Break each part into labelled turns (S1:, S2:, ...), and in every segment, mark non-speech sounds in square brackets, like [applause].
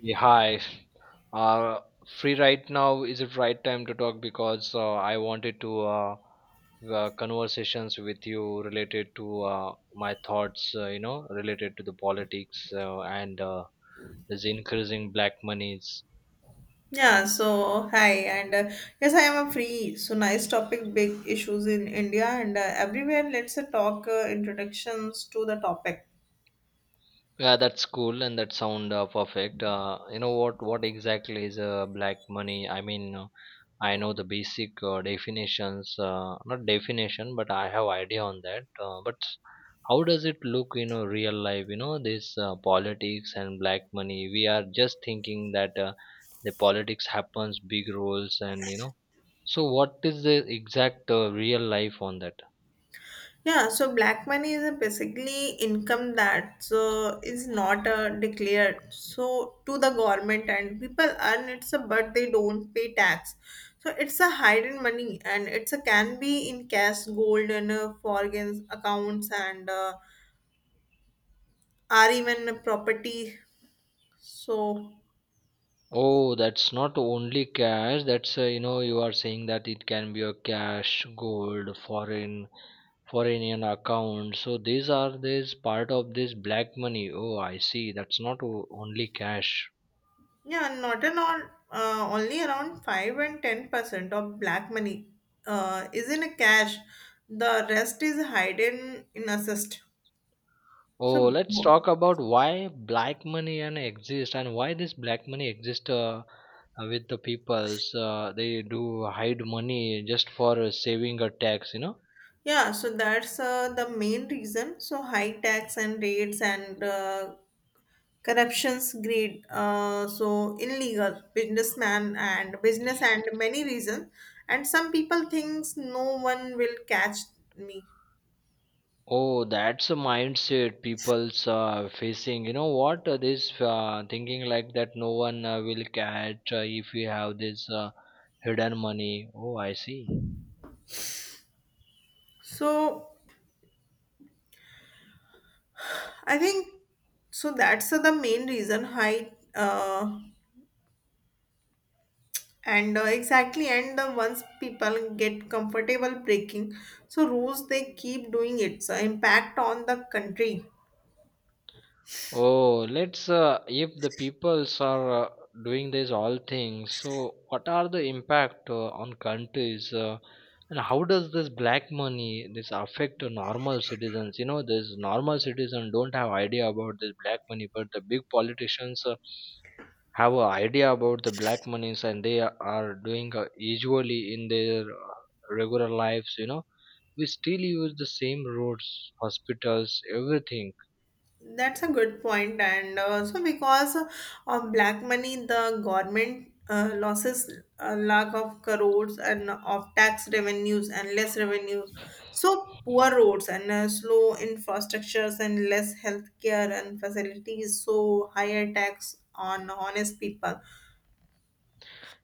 S1: Yeah, hi. Uh, free right now? Is it right time to talk? Because I wanted to conversations with you related to my thoughts. You know, related to the politics and this increasing black monies.
S2: Yeah, so hi, and yes, I am a free. So nice topic, big issues in India and everywhere. Let's talk introductions to the topic.
S1: Yeah, that's cool and that sound perfect. You know what? What exactly is black money? I mean. I know the basic definitions, not definition, but I have idea on that. But how does it look in a real life? You know, this politics and black money. We are just thinking that the politics happens, big roles, and you know. So what is the exact real life on that?
S2: Yeah, so black money is basically income that so is not declared so to the government and people earn it, but they don't pay tax. So it's a hidden money and it's a can be in cash, gold, and foreign accounts and are even property. So.
S1: Oh, that's not only cash. That's you know you are saying that it can be a cash, gold, foreign account, so these are this part of this black money. Oh, I see, that's not only cash.
S2: Yeah, not at all. Only around 5 and 10% of black money is in cash. The rest is hidden in assist.
S1: Oh,
S2: So,
S1: let's talk about why black money and exist, and why this black money exist. With the peoples, they do hide money just for saving a tax, you know.
S2: yeah, so that's the main reason. So, high tax and rates and corruptions greed. So, illegal businessman and business and many reasons. And some people thinks no one will catch me.
S1: Oh, that's a mindset people's facing. You know what? This thinking like that, no one will catch if we have this hidden money. Oh, I see.
S2: So, I think so. That's the main reason height and exactly and the once people get comfortable breaking so rules they keep doing it. So impact on the country.
S1: Oh, let's if the peoples are doing this all things, so what are the impact on countries, and how does this black money this affect the normal citizens? You know, this normal citizen don't have idea about this black money, but the big politicians have an idea about the black monies, and they are doing usually in their regular lives. You know, we still use the same roads, hospitals, everything.
S2: That's a good point, and also because of black money, the government losses a lakh of crores and of tax revenues and less revenues. So poor roads and slow infrastructures and less healthcare and facilities. So higher tax on honest people.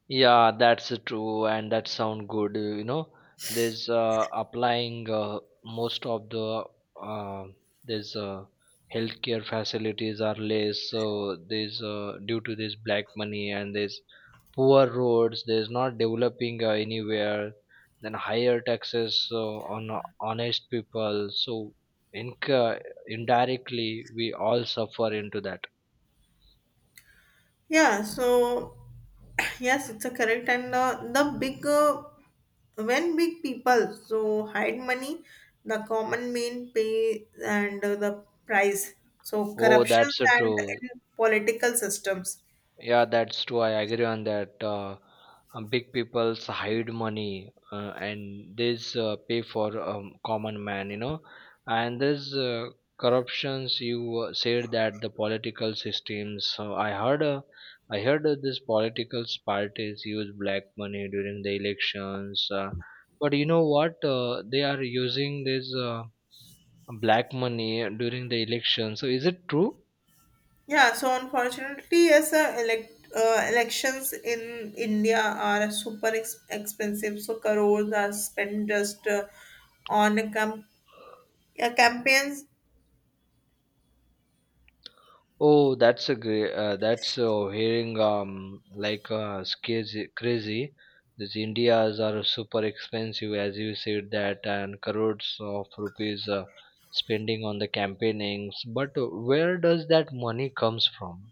S1: Yeah, that's true, and that sound good. You know, there's applying most of the uh, there's healthcare facilities are less, so there's due to this black money, and there's poor roads. There's not developing anywhere. Then higher taxes on honest people. So in indirectly we all suffer into that.
S2: Yeah, so [clears throat] yes, it's a correct and the big when big people so hide money, the common main pay and the price. So
S1: Oh,
S2: corruptions
S1: that's
S2: and
S1: true.
S2: in political systems.
S1: Yeah, that's true. I agree on that. Big peoples hide money and this pay for common man, you know. And this corruptions, you said that the political systems. So I heard, I heard this political parties use black money during the elections. But you know what? They are using this black money during the election. So is it true?
S2: Yeah, so unfortunately, yes, elections in India are super expensive. So crores are spent just on a campaigns.
S1: Oh, that's a great. That's hearing like it's crazy. Crazy. These Indias are super expensive, as you said that, and crores of rupees spending on the campaignings. But where does that money comes from?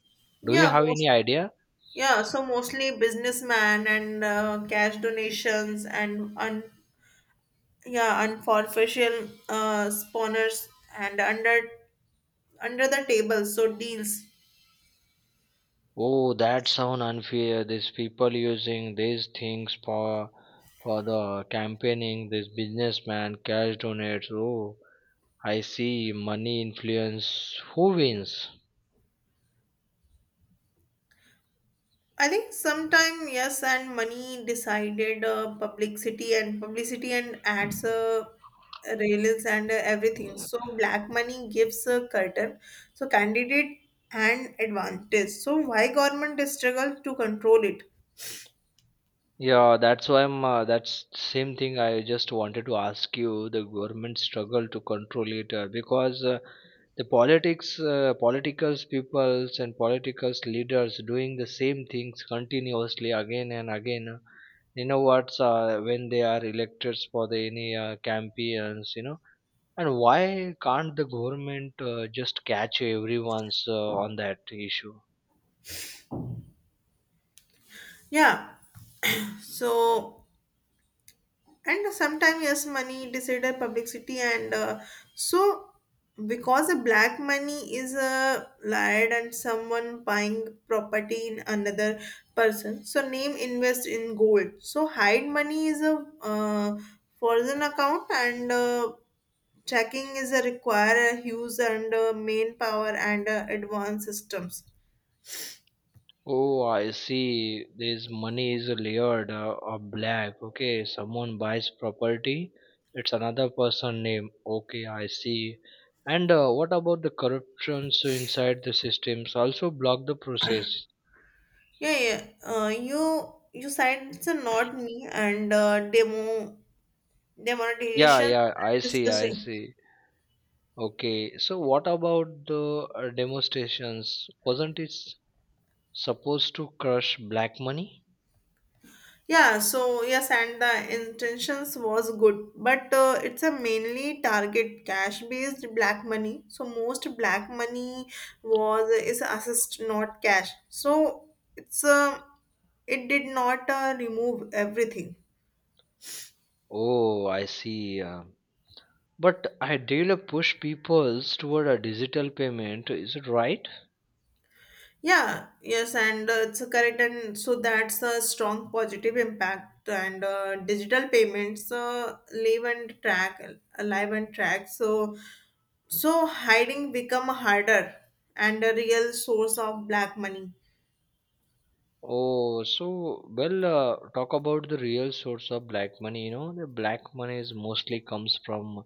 S1: Do you
S2: Yeah,
S1: have
S2: most.
S1: any idea?
S2: Yeah, so mostly businessman and cash donations and yeah, unofficial spawners and under the table, so deals.
S1: Oh, that sound unfair. These people using these things for the campaigning. This businessman cash donates. Oh, I see, money influence. Who wins?
S2: I think sometime yes, and money decided publicity and publicity and ads, rails and everything. So black money gives a curtain, so candidate and advantage. So why government struggle to control it?
S1: Yeah, that's why I'm. That's same thing. I just wanted to ask you. The government struggle to control it because the politics, politicals, peoples, and politicals leaders doing the same things continuously again and again. You know what's when they are elected for the any campaigns. You know, and why can't the government just catch everyone's on that issue?
S2: Yeah, [clears throat] so. And sometimes yes money decided publicity and so because the black money is lied and someone buying property in another person so name invest in gold so hide money is a foreign account and checking is a require a huge and main power and advanced systems.
S1: Oh, I see. This money is layered or black. Okay, someone buys property, it's another person name. Okay, I see. And what about the corruptions inside the systems? Also block the process.
S2: Yeah, you said it's a not me and
S1: Yeah,
S2: demonetization
S1: yeah,
S2: and
S1: I see, I
S2: discussing.
S1: see. Okay, so what about the demonstrations? Wasn't it supposed to crush black money?
S2: Yeah so yes and the intentions was good but it's a mainly target cash based black money so most black money was is assist not cash so it's it did not remove everything.
S1: Oh, I see. But Ideal push people toward a digital payment, is it right?
S2: Yeah, yes, and it's correct, and so that's a strong positive impact. And digital payments alive and track. So, hiding become harder and a real source of black money.
S1: Oh, so well, talk about the real source of black money. You know, the black money is mostly comes from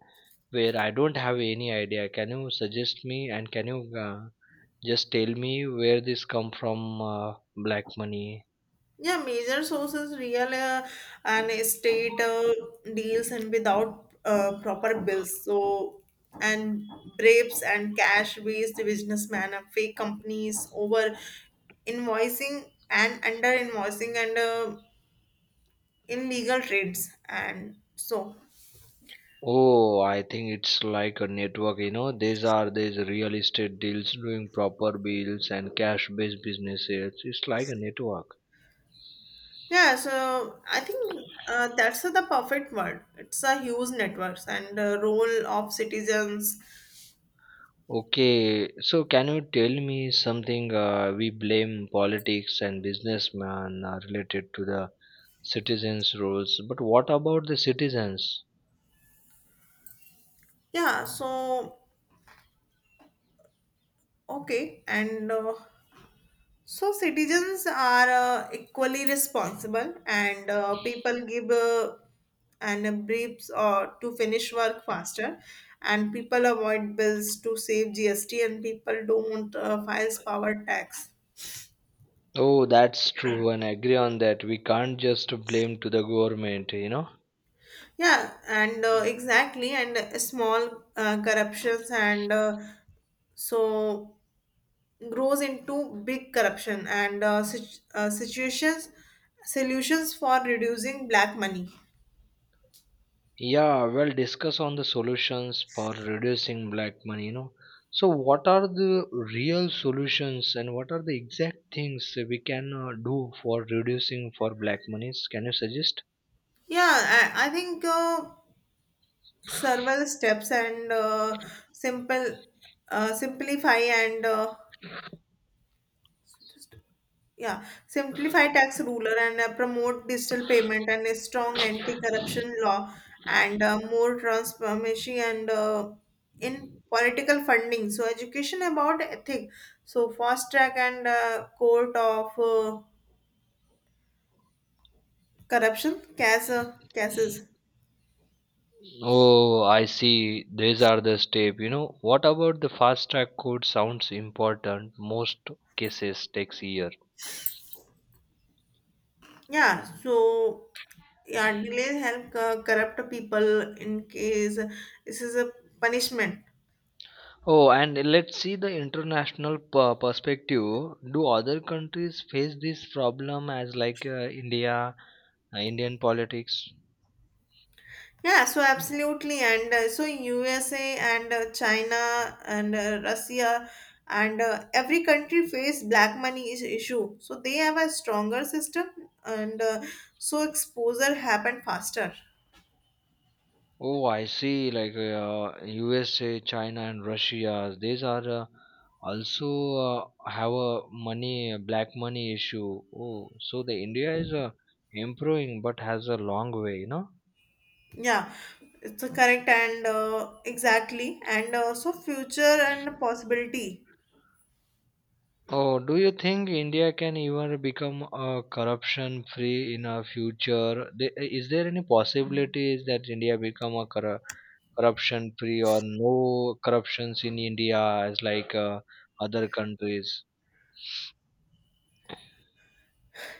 S1: where, I don't have any idea. Can you suggest me, and can you just tell me where this come from? Black money.
S2: Yeah, major sources, real and estate deals, and without proper bills. So, and bribes and cash-based businessmen, and fake companies, over invoicing and under invoicing, and illegal trades, and so
S1: Oh, I think it's like a network. You know, these are these real estate deals doing proper bills and cash-based businesses. It's like a network.
S2: yeah. So I think that's the perfect word. It's a huge networks and role of citizens.
S1: Okay, so can you tell me something? We blame politics and businessmen related to the citizens' roles, but what about the citizens?
S2: Yeah. So okay, and. So citizens are equally responsible, and people give and briefs or to finish work faster, and people avoid bills to save GST, and people don't file power tax.
S1: Oh, that's true, and I agree on that. We can't just blame to the government, you know.
S2: Yeah, and exactly, and small corruptions and so grows into big corruption and situations solutions for reducing black money.
S1: Yeah, well, discuss on the solutions for reducing black money, you know. So, what are the real solutions, and what are the exact things we can do for reducing for black monies? Can you suggest?
S2: Yeah, I think several steps and simple simplify and just yeah simplify tax ruler and promote digital payment and a strong anti-corruption law and more transparency and in political funding. So education about ethic. So fast track and court of corruption cases.
S1: Oh, I see. These are the step. You know, what about the fast track code sounds important. Most cases takes year.
S2: Yeah, so yeah, delays help corrupt people in case this is a punishment.
S1: Oh, and let's see the international perspective. Do other countries face this problem as like India, Indian politics?
S2: Yeah, so absolutely, and so USA and China and Russia and every country face black money is issue. So they have a stronger system, and so exposure happen faster.
S1: Oh, I see. Like USA, China, and Russia, these are also have a money a black money issue. Oh, so the India is improving, but has a long way, you know.
S2: Yeah, it's a correct and exactly, and so future and possibility.
S1: Oh, do you think India can even become corruption free in a future? Is there any possibilities that India become a corruption free or no corruptions in India as like other countries?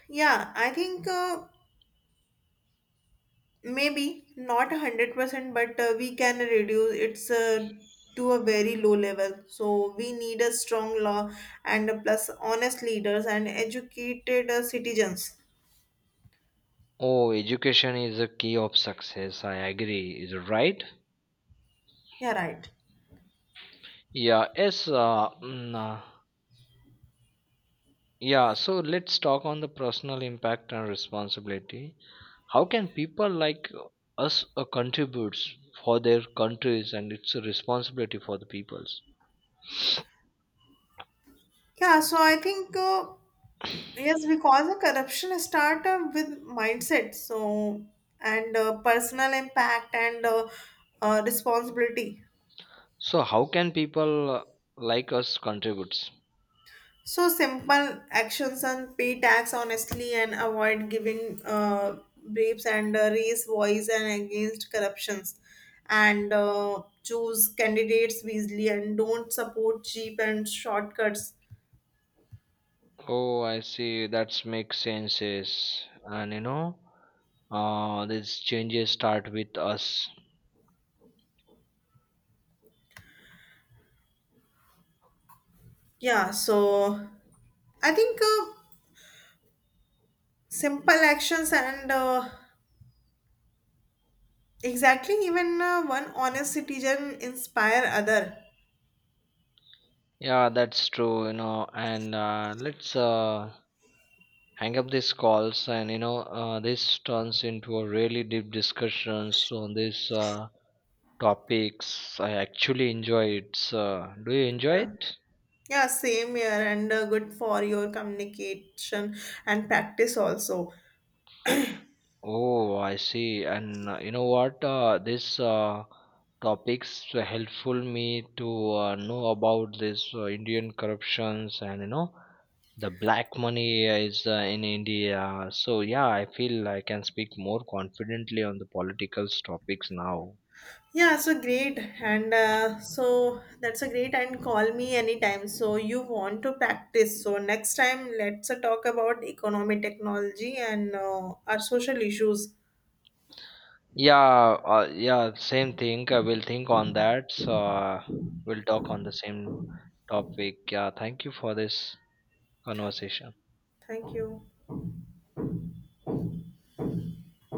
S2: Yeah, I think. Maybe not 100%, but we can reduce it's to a very low level. So we need a strong law and a plus honest leaders and educated citizens.
S1: Oh, education is a key of success. I agree. Is it right?
S2: Yeah, right.
S1: Yeah. Yes. Yeah. So let's talk on the personal impact and responsibility. How can people like us contributes for their countries, and it's a responsibility for the peoples.
S2: Yeah, so I think yes, because the corruption start with mindset. So and personal impact and responsibility.
S1: So how can people like us contributes?
S2: So simple actions and pay tax honestly and avoid giving briefs and raise voice and against corruptions and choose candidates wisely and don't support cheap and shortcuts.
S1: Oh, I see. That makes sense. Yes. And you know, these changes start with us.
S2: Yeah, so I think simple actions and exactly even one honest citizen inspire other.
S1: Yeah, that's true, you know, and let's hang up these calls, and you know this turns into a really deep discussions on these topics. I actually enjoy it. So, do you enjoy it?
S2: Yeah, same here and good for your communication and practice also.
S1: Oh, I see. And you know what? This topics helpful me to know about this Indian corruptions, and you know the black money is in India. So yeah, I feel I can speak more confidently on the political topics now.
S2: Yeah, so great. And so that's a great and call me anytime. So you want to practice. So next time, let's talk about economy, technology, and our social issues.
S1: Yeah, yeah, same thing. I will think on that. So we'll talk on the same topic. Yeah, thank you for this conversation.
S2: Thank you.